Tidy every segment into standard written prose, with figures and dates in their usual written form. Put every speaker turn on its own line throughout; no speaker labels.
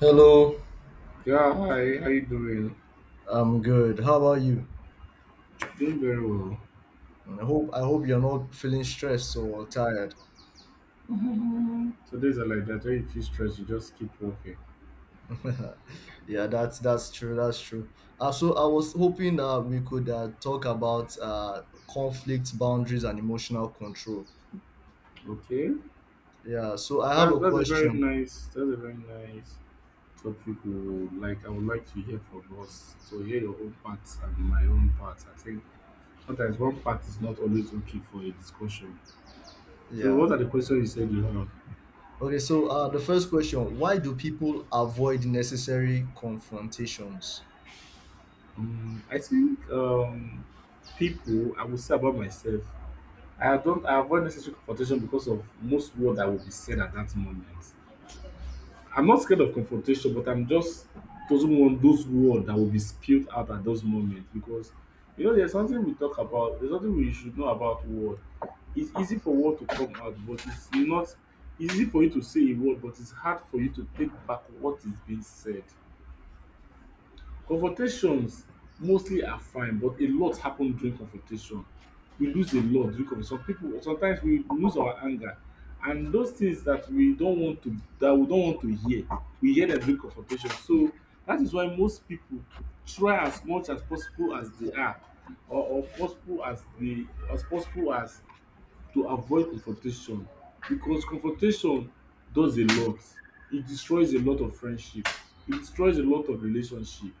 Hello,
Yeah, hi, how you doing?
I'm good. How about you?
Doing very well.
I hope you're not feeling stressed or tired.
So days are like that. When you feel stressed, you just keep walking.
Yeah, that's true. That's true. So I was hoping that we could talk about conflict boundaries and emotional control.
Okay.
Yeah. So I have a
That's a very
question.
nice topic we would like I would like to hear from us. To hear your own part and my own part. I think sometimes one part is not always okay for a discussion. So
Yeah.
what are the questions you said you have?
Okay. So the first question: Why do people avoid necessary confrontations?
I think people I will say about myself. I don't I avoid necessary confrontation because of most word that will be said at that moment. I'm not scared of confrontation, but I'm just doesn't want those words that will be spilled out at those moments because you know there's something we talk about, there's something we should know about word. It's easy for word to come out, but it's not it's easy for you to say a word, but it's hard for you to take back what is being said. Confrontations mostly are fine but a lot happen during confrontation. We lose a lot during confrontation. Some pipu sometimes we lose our anger and those things that we don want to hear we hear dem during confrontation so that is why most pipu try as much as possible as they are or possible as they as possible as to avoid confrontation because confrontation does a lot. E destroys a lot of friendship, e destroys a lot of relationship.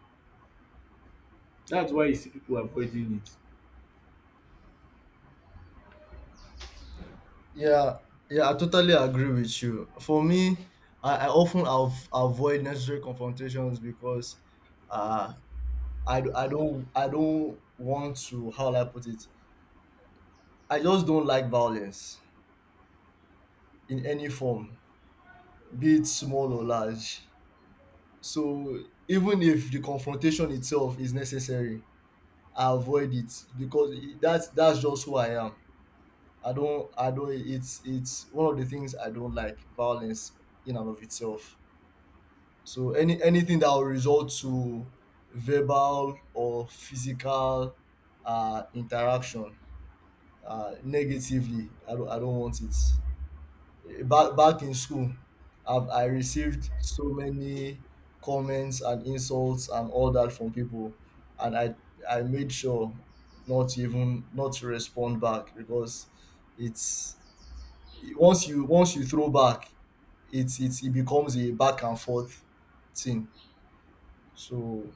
That's why you see people avoiding it.
Yeah, yeah, I totally agree with you. For me, I often avoid necessary confrontations because uh, I don't I don't want to, how will I put it. I just don't like violence in any form, be it small or large. So even if the confrontation itself is necessary, I avoid it because that's just who I am. I don't It's one of the things I don't like, violence in and of itself. So anything that will result to verbal or physical interaction negatively, I don't want it. Back in school, I received so many comments and insults and all that from people, and I made sure not, even not to respond back because it's once you throw back, it becomes a back and forth thing. So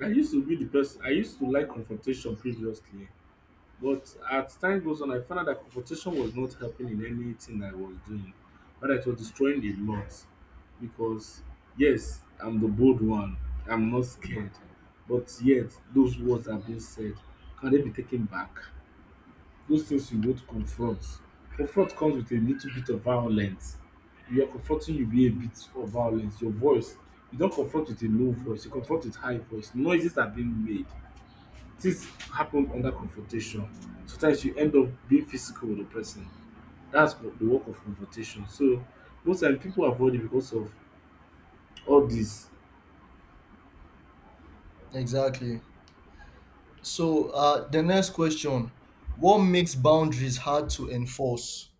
I used to be the person, I used to like confrontation previously, but as time goes on, I found out that confrontation was not helping in anything I was doing, but it was destroying a lot because, yes, I'm the bold one, I'm not scared, but yet those words are being said. Can they be taken back? Those things you both confront. Confront comes with a little bit of violence. We are confronting you with a bit of violence. Your voice, you don't confront with a low voice, you confront with high voice. Noises are being made. Things happen under confrontation. Sometimes you end up being physical with the person. That's what the work of confrontation. So most times people avoid it because of all this.
Exactly. So, the next question: What makes boundaries hard to enforce?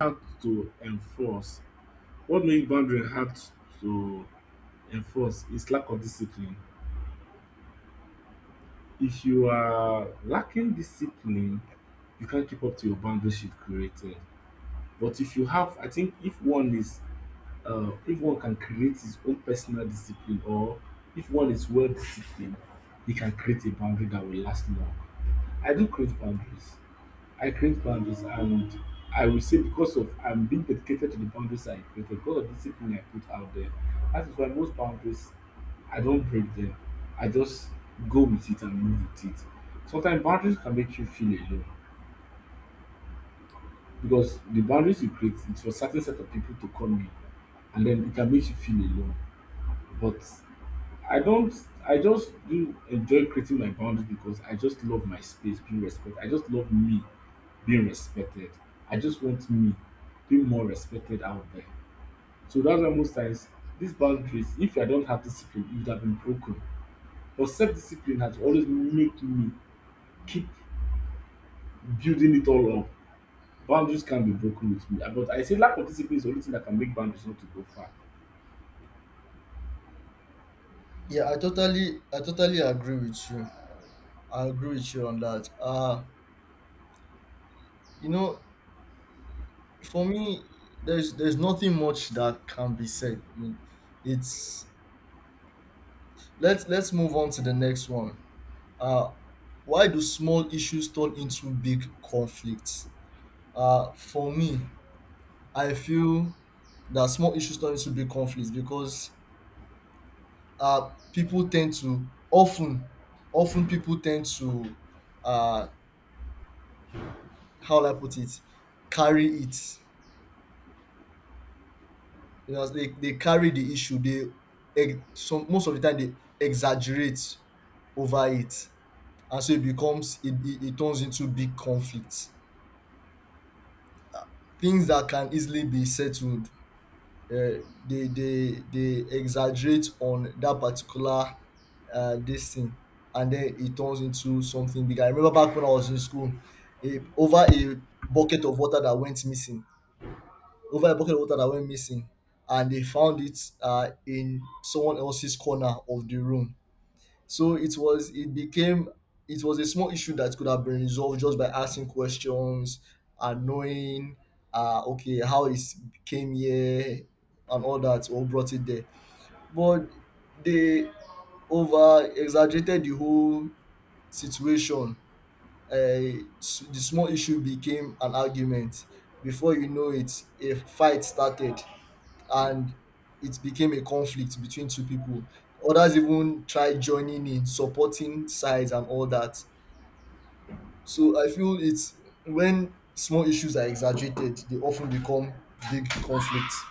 Hard to enforce. What makes boundary hard to enforce is lack of discipline. If you are lacking discipline, you can't keep up to your boundaries you've created. But if you have, I think if one is, if one can create his own personal discipline or if one is well disciplined, he can create a boundary that will last long. I do create boundaries. I create boundaries and I will say because of I'm being dedicated to the boundaries I created, because of the discipline I put out there. That is why most boundaries I don't break them. I just go with it and move with it. Sometimes boundaries can make you feel alone because the boundaries you create is for certain set of people to come in and then it can make you feel alone. But I don't I just do enjoy creating my boundaries because I just love my space, being respected. I just love me being respected. I just want me being more respected out there. So that's why most times these boundaries, if I don't have discipline, it would have been broken. But self-discipline has always made me keep building it all up. Boundaries can be broken with me. But I say lack of discipline is the only thing that can make boundaries not to go far.
Yeah, I totally agree with you. I agree with you on that. You know, for me, there's nothing much that can be said. You- It's Let's move on to the next one. Uh, why do small issues turn into big conflicts? For me, I feel that small issues turn into big conflicts because uh, people tend to often people tend to uh, how will I put it, carry it. You know, they carry the issue. They ex- some most of the time they exaggerate over it, and so it becomes it, it, it turns into big conflict. Things that can easily be settled, uh, they exaggerate on that particular this thing, and then it turns into something bigger. I remember back when I was in school, a, over a bucket of water that went missing, over a bucket of water that went missing, and they found it in someone else's corner of the room. So it became, it was a small issue that could have been resolved just by asking questions and knowing okay how it came here and all that, or brought it there. But they over exaggerated the whole situation. The small issue became an argument. Before you know it, a fight started and it became a conflict between two people. Others even tried joining in, supporting sides and all that. So I feel it's when small issues are exaggerated, they often become big conflicts.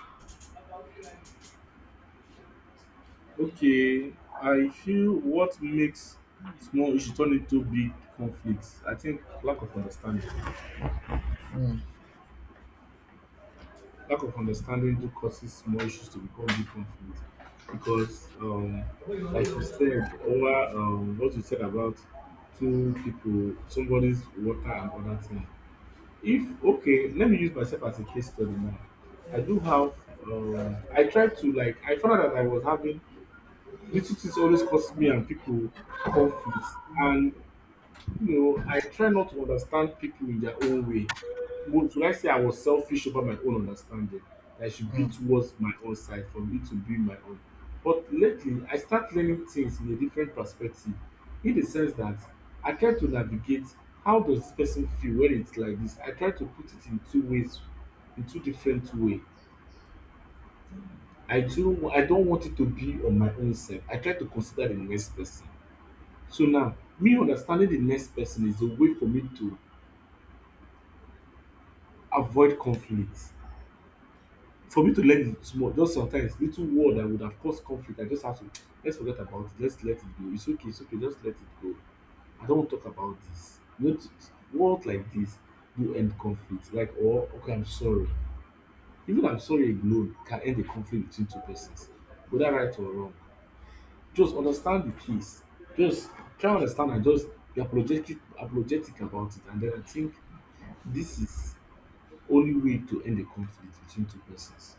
Okay, I feel what makes small issue turn into big conflicts. I think lack of understanding.
Mm.
Lack of understanding do causes small issues to become big conflict because like you said over what you said about two people somebody's water and other thing. If okay let me use myself as a case study now. I do have I tried to, I found out that I was having little things always cause me and people conflicts and you know, I try not to understand people in their own way. Would I say I was selfish over my own understanding? That I should be towards my own side for me to be my own. But lately, I start learning things in a different perspective, in the sense that I try to navigate how does this person feel when it's like this. I try to put it in two ways, in two different way. I do. I don't want it to be on my own self. I try to consider the next person. So now, me understanding the next person is a way for me to avoid conflict. For me to learn it small, just sometimes little word that would have caused conflict, I just have to let's forget about it, let's let it go. It's okay, just let it go. I don't want to talk about this. You know, words like this do end conflict. Like, or okay, I'm sorry. Even I'm sorry alone can end a conflict between two persons, whether right or wrong. Just understand the case. Just try and understand and just be apologetic, apologetic about it. And then I think this is only way to end a conflict between two persons.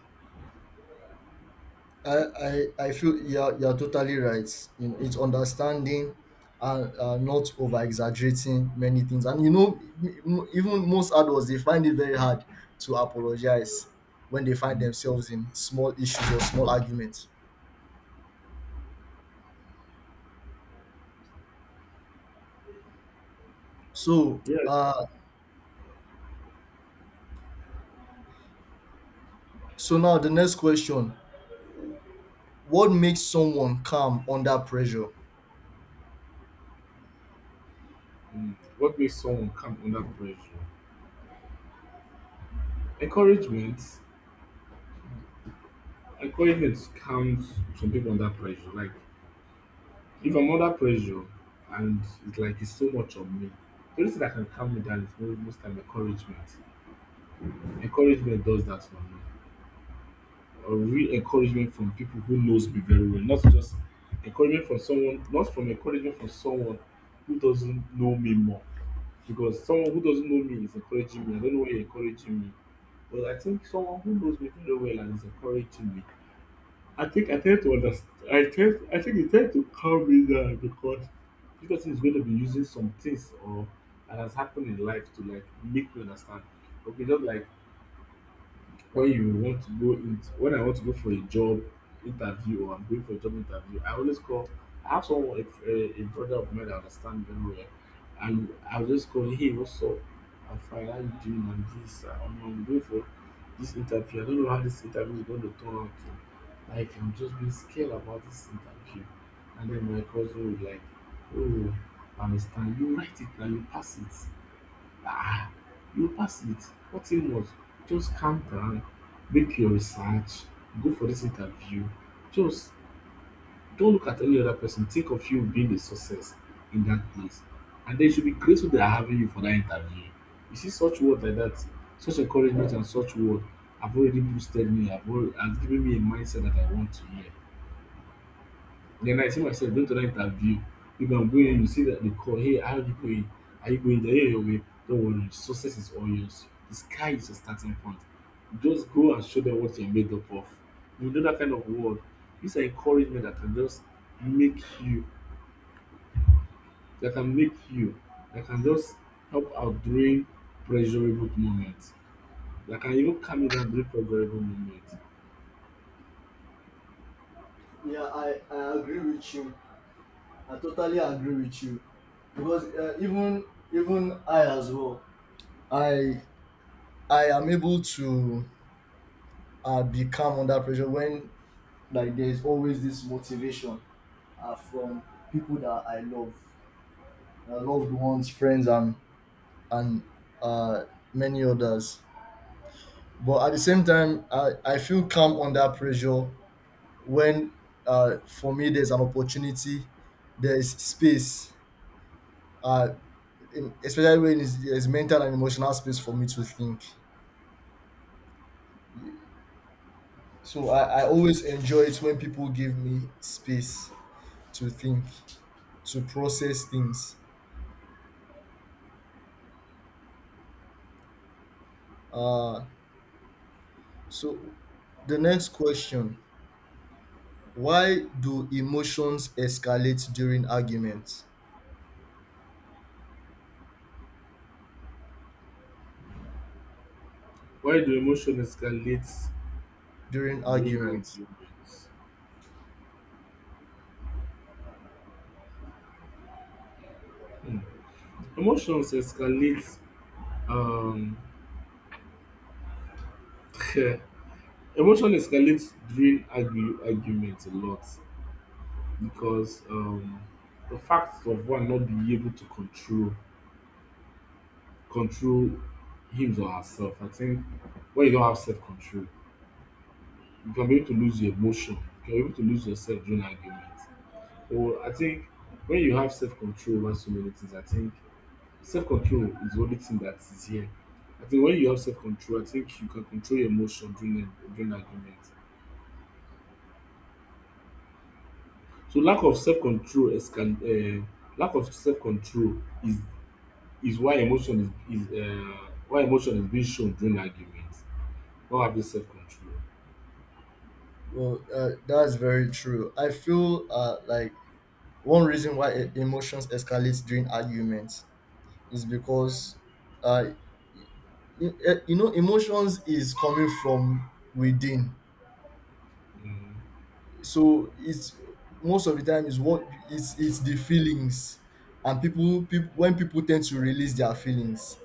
I feel you're totally right. In, it's understanding and not over exaggerating many things. And you know, even most adults, they find it very hard to apologize when they find themselves in small issues or small arguments. So,
Yeah.
now the next question: What makes someone calm under pressure?
Mm. What makes someone come under pressure? Encouragement. Encouragement comes from people under pressure. Like if I'm under pressure and it's like it's so much on me, the only thing that can calm me down is most time encouragement. Encouragement does that for me. Or real encouragement from people who knows me very well, not just encouragement from someone, not from encouragement from someone who doesn't know me more. Because someone who doesn't know me is encouraging me. I don't know why you're encouraging me. Well, I think someone who knows me very well and is encouraging me. I think I tend to understand. I tend. I think it tend to calm me down because this person is going to be using some things or that has happened in life to like make me understand. Okay, just like when I want to go for a job interview or I'm going for a job interview, I always call. I have someone, a brother of mine that understands very well, and I'll just call, hey, what's up? I'm fine. How you doing? And this, I'm going for this interview. I don't know how this interview is going to turn out. To. Like, I'm just being scared about this interview. And then my cousin would like, oh, I understand. You write it and you pass it. Ah, you pass it. What you must just calm down, make your research, go for this interview. Just don't look at any other person. Think of you being a success in that place. And they should be grateful they are having you for that interview. You see, such words like that, such encouragement and such word have already boosted me, have already has given me a mindset that I want to hear. Then I see myself going to that interview. If I'm going, you see that they call, hey, how are you going? Are you going there? Yeah, your way. Don't worry, success is all yours. The sky is your starting point. Just go and show them what you're made up of. You know that kind of word. These are encouragement that can just make you, that can make you, that can just help out during pressurable moments. That can even calm you down during pressurable moments.
Yeah, I agree with you. I totally agree with you because even I as well. I I am able to be calm under pressure when, like, there is always this motivation from people that I love, loved ones, friends, and and uh, many others. But at the same time, I feel calm under pressure when for me there's an opportunity, there's space, uh, especially when there's mental and emotional space for me to think. So I always enjoy it when people give me space to think, to process things. Uh, so the next question: why do emotions escalate during arguments,
Why do emotions escalate
during
during high
arguments.
moments? Hmm. Emotions escalate. Um, emotion escalates during argue, argument a lot because the fact of one not being able to control him or herself. I think when you don't have self control, you can be able to lose your emotion. You can be able to lose yourself during argument. Or I think when you have self control over so many things, I think self control is the only thing that is here. I think when you have self control, I think you can control your emotion during during argument. So lack of self control is is why emotion is, why emotion is being shown during argument, not having self control.
Well that's very true. I feel like one reason why emotions escalate during arguments is because uh, you know, emotions is coming from within.
um
So it's most of the time, is what it's the feelings. And people, when people tend to release their feelings,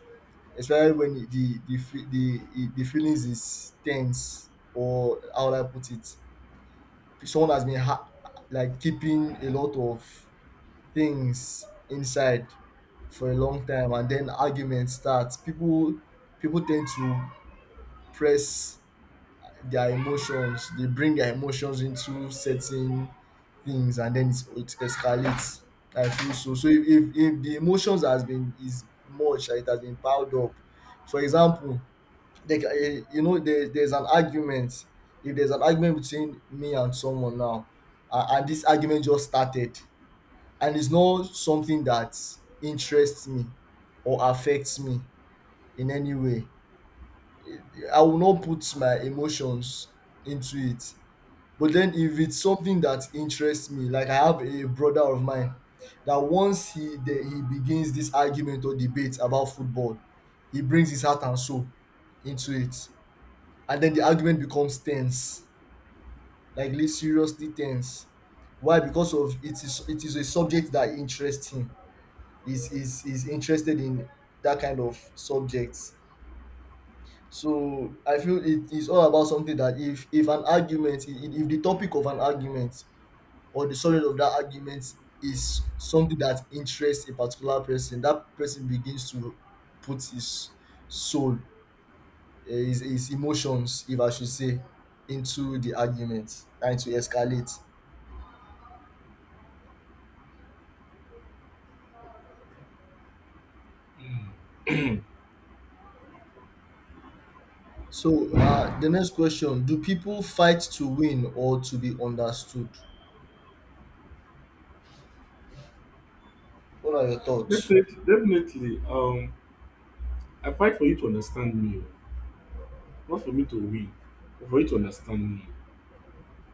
especially when the feelings is tense, or how would I put it, someone has been like keeping a lot of things inside for a long time, and then arguments start. People tend to press their emotions, they bring their emotions into certain things, and then it escalates. I feel so. So if the emotions has been, is much, it has been piled up. For example, like you know, there's an argument. If there's an argument between me and someone now, and this argument just started, and it's not something that interests me or affects me in any way, I will not put my emotions into it. But then if it's something that interests me, like I have a brother of mine that once he begins this argument or debate about football, he brings his heart and soul into it. And then the argument becomes tense, like seriously tense. Why? Because of it is a subject that interests him, is interested in that kind of subjects. So I feel it is all about something that, if an argument, I- if the topic of an argument or the subject of that argument is something that interests a particular person, that person begins to put his soul, his emotions, if I should say, into the argument, and to escalate. So the next question: Do people fight to win or to be understood? What are your thoughts?
definitely I fight for you to understand me o, not for me to win but for you to understand me.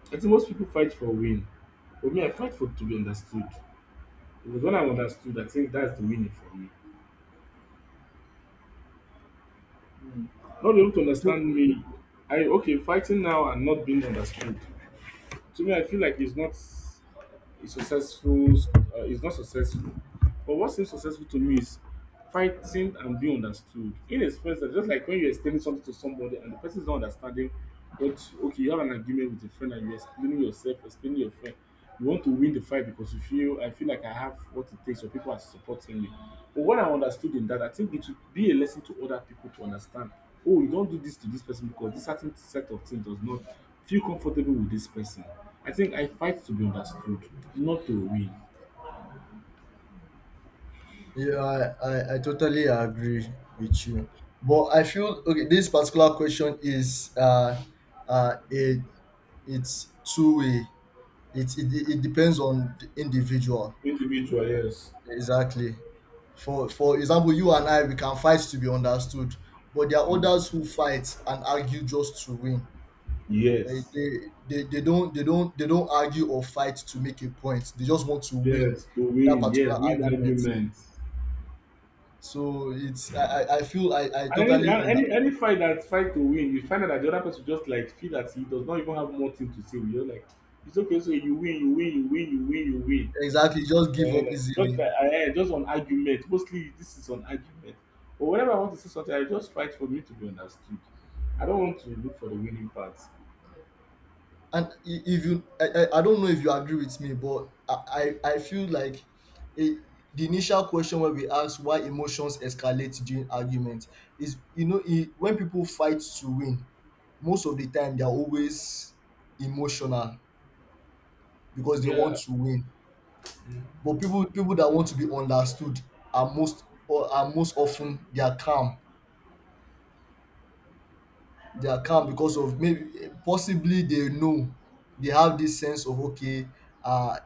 I think most pipu fight for win but me I fight for to be understood because when I'm understood I think that's the winning for me. Not be able to
So
understand me. I okay fighting now and not being understood, to me, I feel like it's not a successful. It's not successful. But what seems successful to me is fighting and being understood, in a sense that just like when you're explaining something to somebody and the person is not understanding what. Okay, you have an argument with a friend and you're explaining yourself, explaining your friend. You want to win the fight because you feel I feel like I have what it takes, or people are supporting me. But what I understood in that, I think it would be a lesson to other people to understand. Oh, you don't do this to this person because this certain set of things does not feel comfortable with this person. I think I fight to be understood, not to win.
yeah, I totally agree with you. But I feel okay, this particular question is uh it it's two way. It depends on the individual.
Individual, yes.
Exactly. For example, you and I we can fight to be understood, but there are others
Mm.
who fight and argue just to win. Eh,
Yes,
They don't argue or fight to make a point. They just want to win
yes, to
that
win,
particular
yes, win
argument.
arguments.
So it's I feel I
And any,
totally
and
under—
any any fight that fight to win, you find out that the other person just like feel that he does not even have more thing to say. You're like, it's okay, so you win, you win, you win, you win, you win.
exactly, just give up
Eh, not
easily.
that I eh, just on argument. Mostly this is on argument. But whenever I want to say something, I just fight for me to be understood. I don't want to look for the winning part.
And I- if you I don't know if you agree with me, but I feel like it, the initial question where we ask why emotions escalate during argument is, you know, when people fight to win, most of the time they're always emotional because they
Yeah.
want to win.
Mm.
But people that want to be understood are most, or are most often, they are calm. They are calm because of maybe possibly they know, they have this sense of okay, uh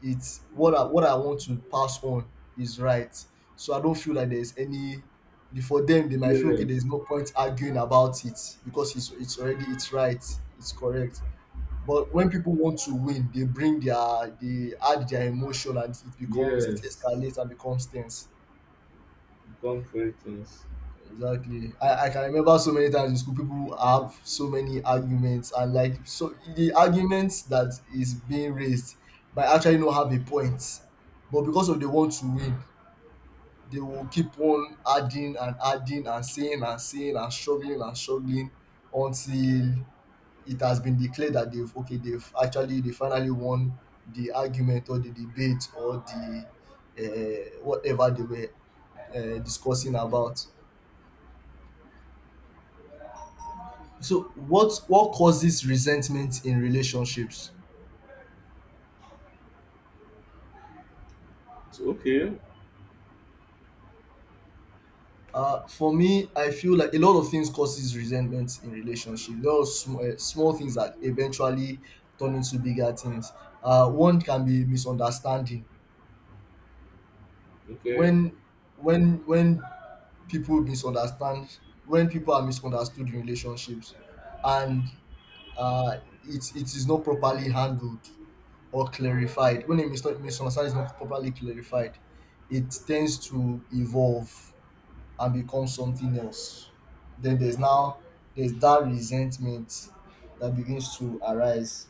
it's what I want to pass on is right. So I don't feel like there's any— for them they might feel okay there's
Yes.
no point arguing about it, because it's already, it's right, it's correct. But when people want to win, they bring their— they add their emotion and it
Yes.
escalates and becomes tense.
Become things.
Exactly. I can remember so many times in school people have so many arguments, and like so the arguments that is being raised might actually not have a point. But because of they want to win, they will keep on adding and adding and saying and saying and struggling until it has been declared that they've actually, they finally won the argument or the debate or the whatever they were discussing about. So what causes resentment in relationships?
So okay.
For me, I feel like a lot of things causes resentment in relationship. A lot of small, small things that eventually turn into bigger things. One can be misunderstanding.
Okay.
When when people misunderstand, when people are misunderstood in relationships, and uh, it is not properly handled or clarified. When a misunderstanding is not properly clarified, it tends to evolve and become something else. Then there's that resentment that begins to arise.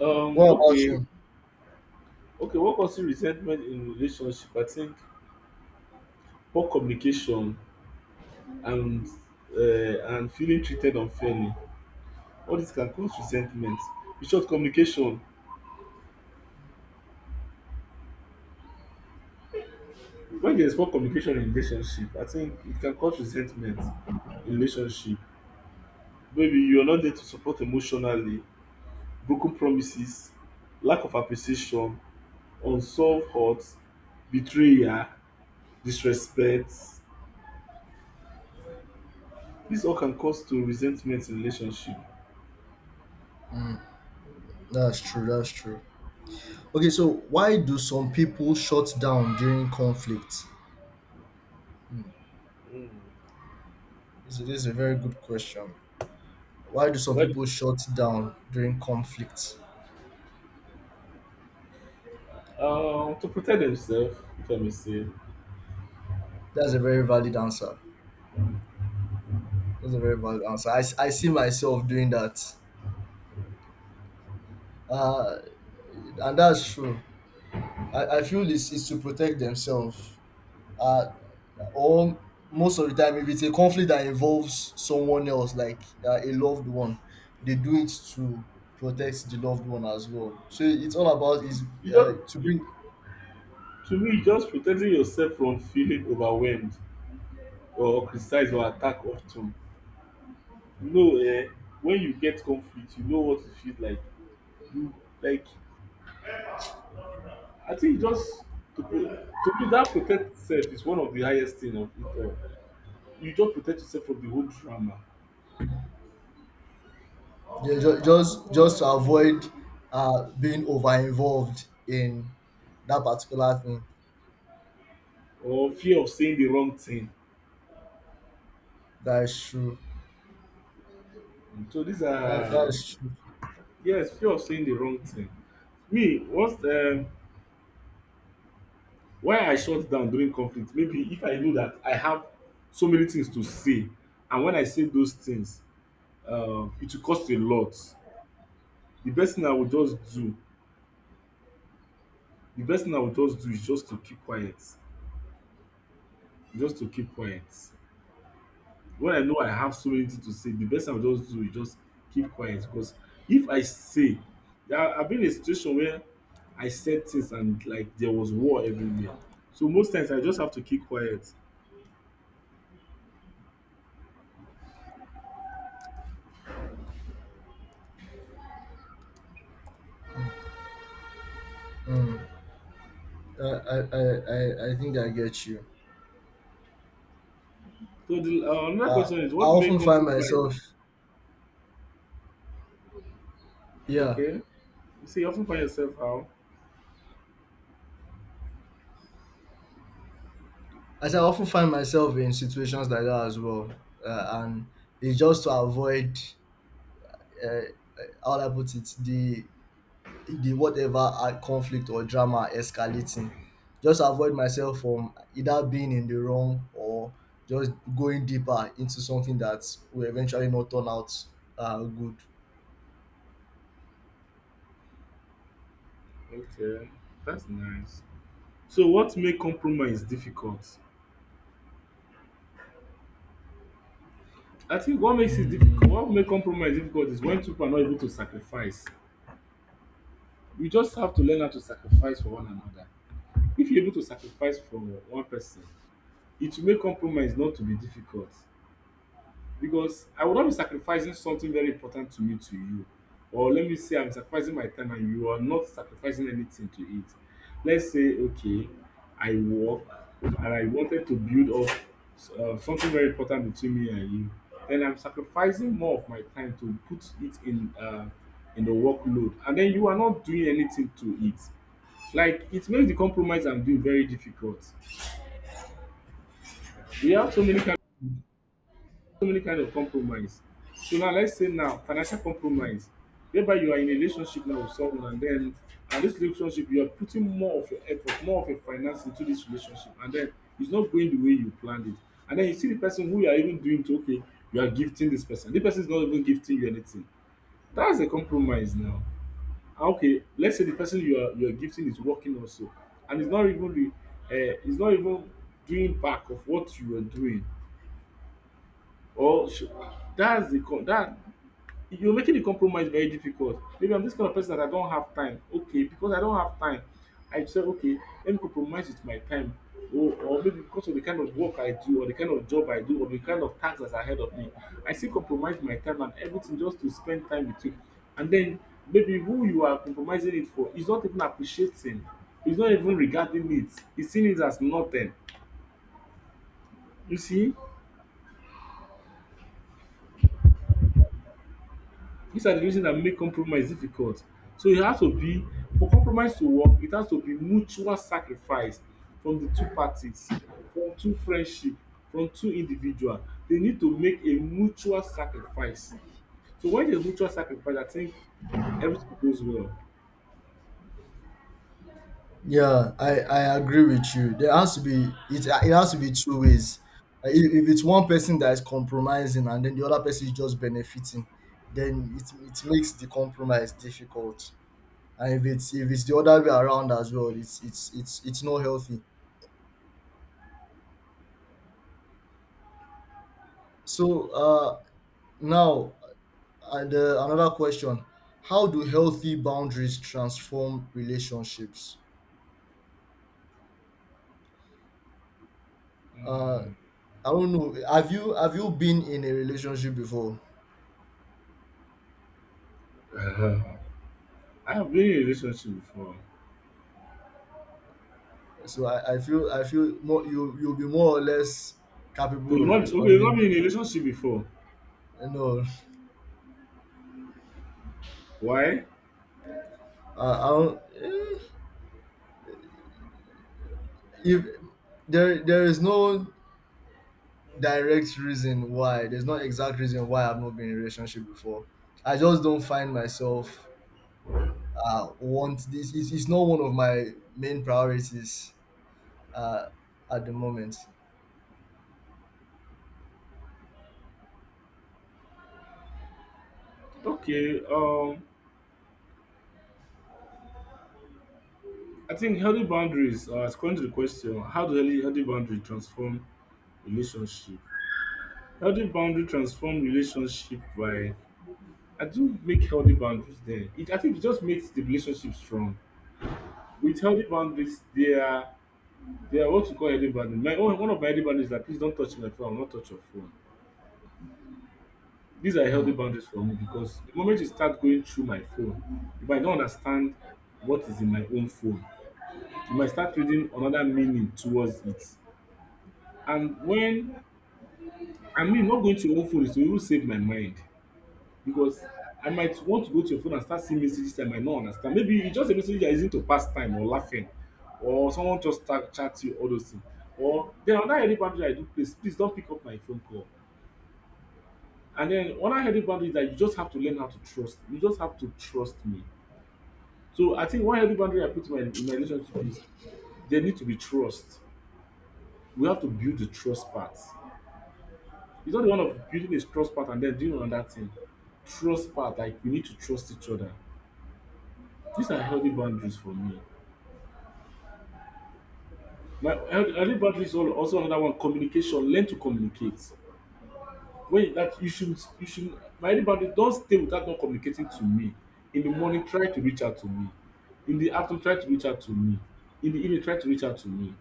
What about
Okay.
you?
Okay, what causes resentment in relationship? I think poor communication and and feeling treated unfairly. All this can cause resentment. In short, communication. When there's poor communication in relationship, I think it can cause resentment in relationship. Maybe you're not there to support emotionally, broken promises, lack of appreciation, unsolved hurt, betrayal, disrespect. These all can cause to resentment in relationship.
That's true. That's true. Okay, so why do some people shut down during conflict?
Mm.
This is, this is a very good question. Why do some
Well,
people shut down during conflict?
to protect themselves, if I may say,
That's a very valid answer. That's a very valid answer. I see myself doing that. Uh, and that's true. I feel it's to protect themselves. Uh, or most of the time, if it's a conflict that involves someone else, like a loved one, they do it to protect the loved one as well. So it's all about is
you just
to
it,
bring—
to me just protecting yourself from feeling overwhelmed or criticized or attacked often, know, when you get conflict you know what e feel like, you like I think just to pro to me dat protect sef is one of de highest thing of it all. You just protect yourself from de whole drama
yeah, just to avoid being over involved in that particular thing.
or fear of saying de wrong thing,
That is true.
so dis
That
are,
is true.
yes, fear of saying de wrong thing. Me once, why I shut down during conflict, maybe if I know dat I have so many things to say, and when I say those things, it will cost a lot. De best thing I will just do. The best thing I would just do is just to keep quiet, just to keep quiet. When I know I have so many things to say, the best thing I would just do is just keep quiet, because if I say, there, I've been in a situation where I said things and like there was war everywhere. So most times I just have to keep quiet.
I think I get you.
So the another
Uh,
question is
I
what made
often find
compromise?
myself, yeah,
Okay. You see, you often find yourself how?
as I often find myself in situations like that as well. And it's just to avoid, uh, how do I put it, the whatever conflict or drama escalating. Just avoid myself from either being in the wrong or just going deeper into something that will eventually not turn out good.
Okay. That's nice. So what made compromise difficult? I think what makes it difficult
Mm.
what make compromise difficult is when two people are not able to sacrifice. You just have to learn how to sacrifice for one another. If you're able to sacrifice for one person, it will make compromise not to be difficult, because I will not be sacrificing something very important to me to you. Or let me say I'm sacrificing my time and you are not sacrificing anything to it. Let's say, okay, I work and I wanted to build up something very important between me and you. Then I'm sacrificing more of my time to put it in the workload, and then you are not doing anything to it. Like it makes the compromise I'm doing very difficult. We have so many, so many kind of compromise. So now let's say now financial compromise, whereby you are in a relationship now with someone, and then and this relationship you are putting more of your effort, more of your finance into this relationship, and then it's not going the way you planned it. And then you see the person who you are even doing to, okay, you are gifting this person. The person is not even gifting you anything. That's a compromise now. And okay, let's say the person you are gifting is working also, and it's not even the it's not even doing back of what you were doing, or sh- that. You're making the compromise very difficult. Maybe I'm this kind of person that I don't have time. Okay, because I don't have time, I say, okay, let me compromise with my time. Or maybe because of the kind of work I do, or the kind of job I do, or the kind of tasks that's ahead of me, I still compromise my time and everything just to spend time with you. And then maybe who you are compromising it for is not even appreciating, is not even regarding it, he's seeing it as nothing. You see? These are the reasons that make compromise difficult. So it has to be, for compromise to work, it has to be mutual sacrifice from the two parties, from two friendship, from two individual. They need to make a mutual sacrifice. So when there's mutual sacrifice, I think everything goes well.
Yeah, I agree with you. There has to be it has to be two ways. If it's one person that is compromising and then the other person is just benefiting, then it makes the compromise difficult. And if it's, if it's the other way around as well, it's not healthy. So now, another question: How do healthy boundaries transform relationships? Uh, I don't know. Have you, have you been in a relationship before?
I have been in a relationship before.
So I feel, I feel more, you you'll be more or less
So
capable
you
of
not, okay, you
responding.
not been in a relationship before.
No,
Why?
I don't. Eh, if there is no direct reason, why there's no exact reason why I've not been in a relationship before. I just don't find myself want this. It's not one of my main priorities uh at the moment.
Okay, I think healthy boundaries, according to the question, how do healthy boundaries transform relationship? Healthy boundary transform relationship by, I think, make healthy boundaries there. It, I think it just makes the relationship strong. With healthy boundaries, they are, they are what you call healthy boundaries. My own, one of my healthy boundaries is like please don't touch my phone, I will not touch your phone. These are healthy
Mm,
boundaries for me, because the moment you start going through my phone, you might not understand what is in my own phone. You might start reading another meaning towards it. And when I mean not going to your own phone is to even save my mind, because I might want to go to your phone and start seeing messages I might not understand. Maybe it's just a message you're using to pass time or laughing, or someone just start chat you, all those things. Or then another healthy boundary I do place, please don't pick up my phone call. And then another healthy boundary is that you just have to learn how to trust. You just have to trust me. So I think one healthy boundary I put in my relationship is there need to be trust. We have to build the trust part. It's not the one of building a trust part and then doing another thing. Trust part, like we need to trust each other. These are healthy boundaries for me. My early bird is also another one, communication. Learn to communicate. That you should my early bird don stay without not communicating to me. In the morning try to reach out to me. In the afternoon try to reach out to me. In the evening try to reach out to me.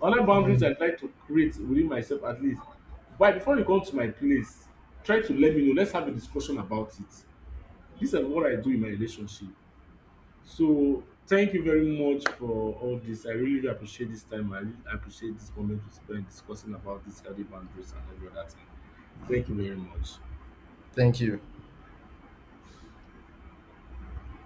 Other boundaries
mm.
I try to create within myself at least. By before you come to my place try to let me know. Let's have a discussion about it. These are what I do in my relationship. So thank you very much for all this. I really appreciate this time. I really appreciate this moment we spent discussing about this healthy boundaries and every other thing. Thank you very much.
Thank you.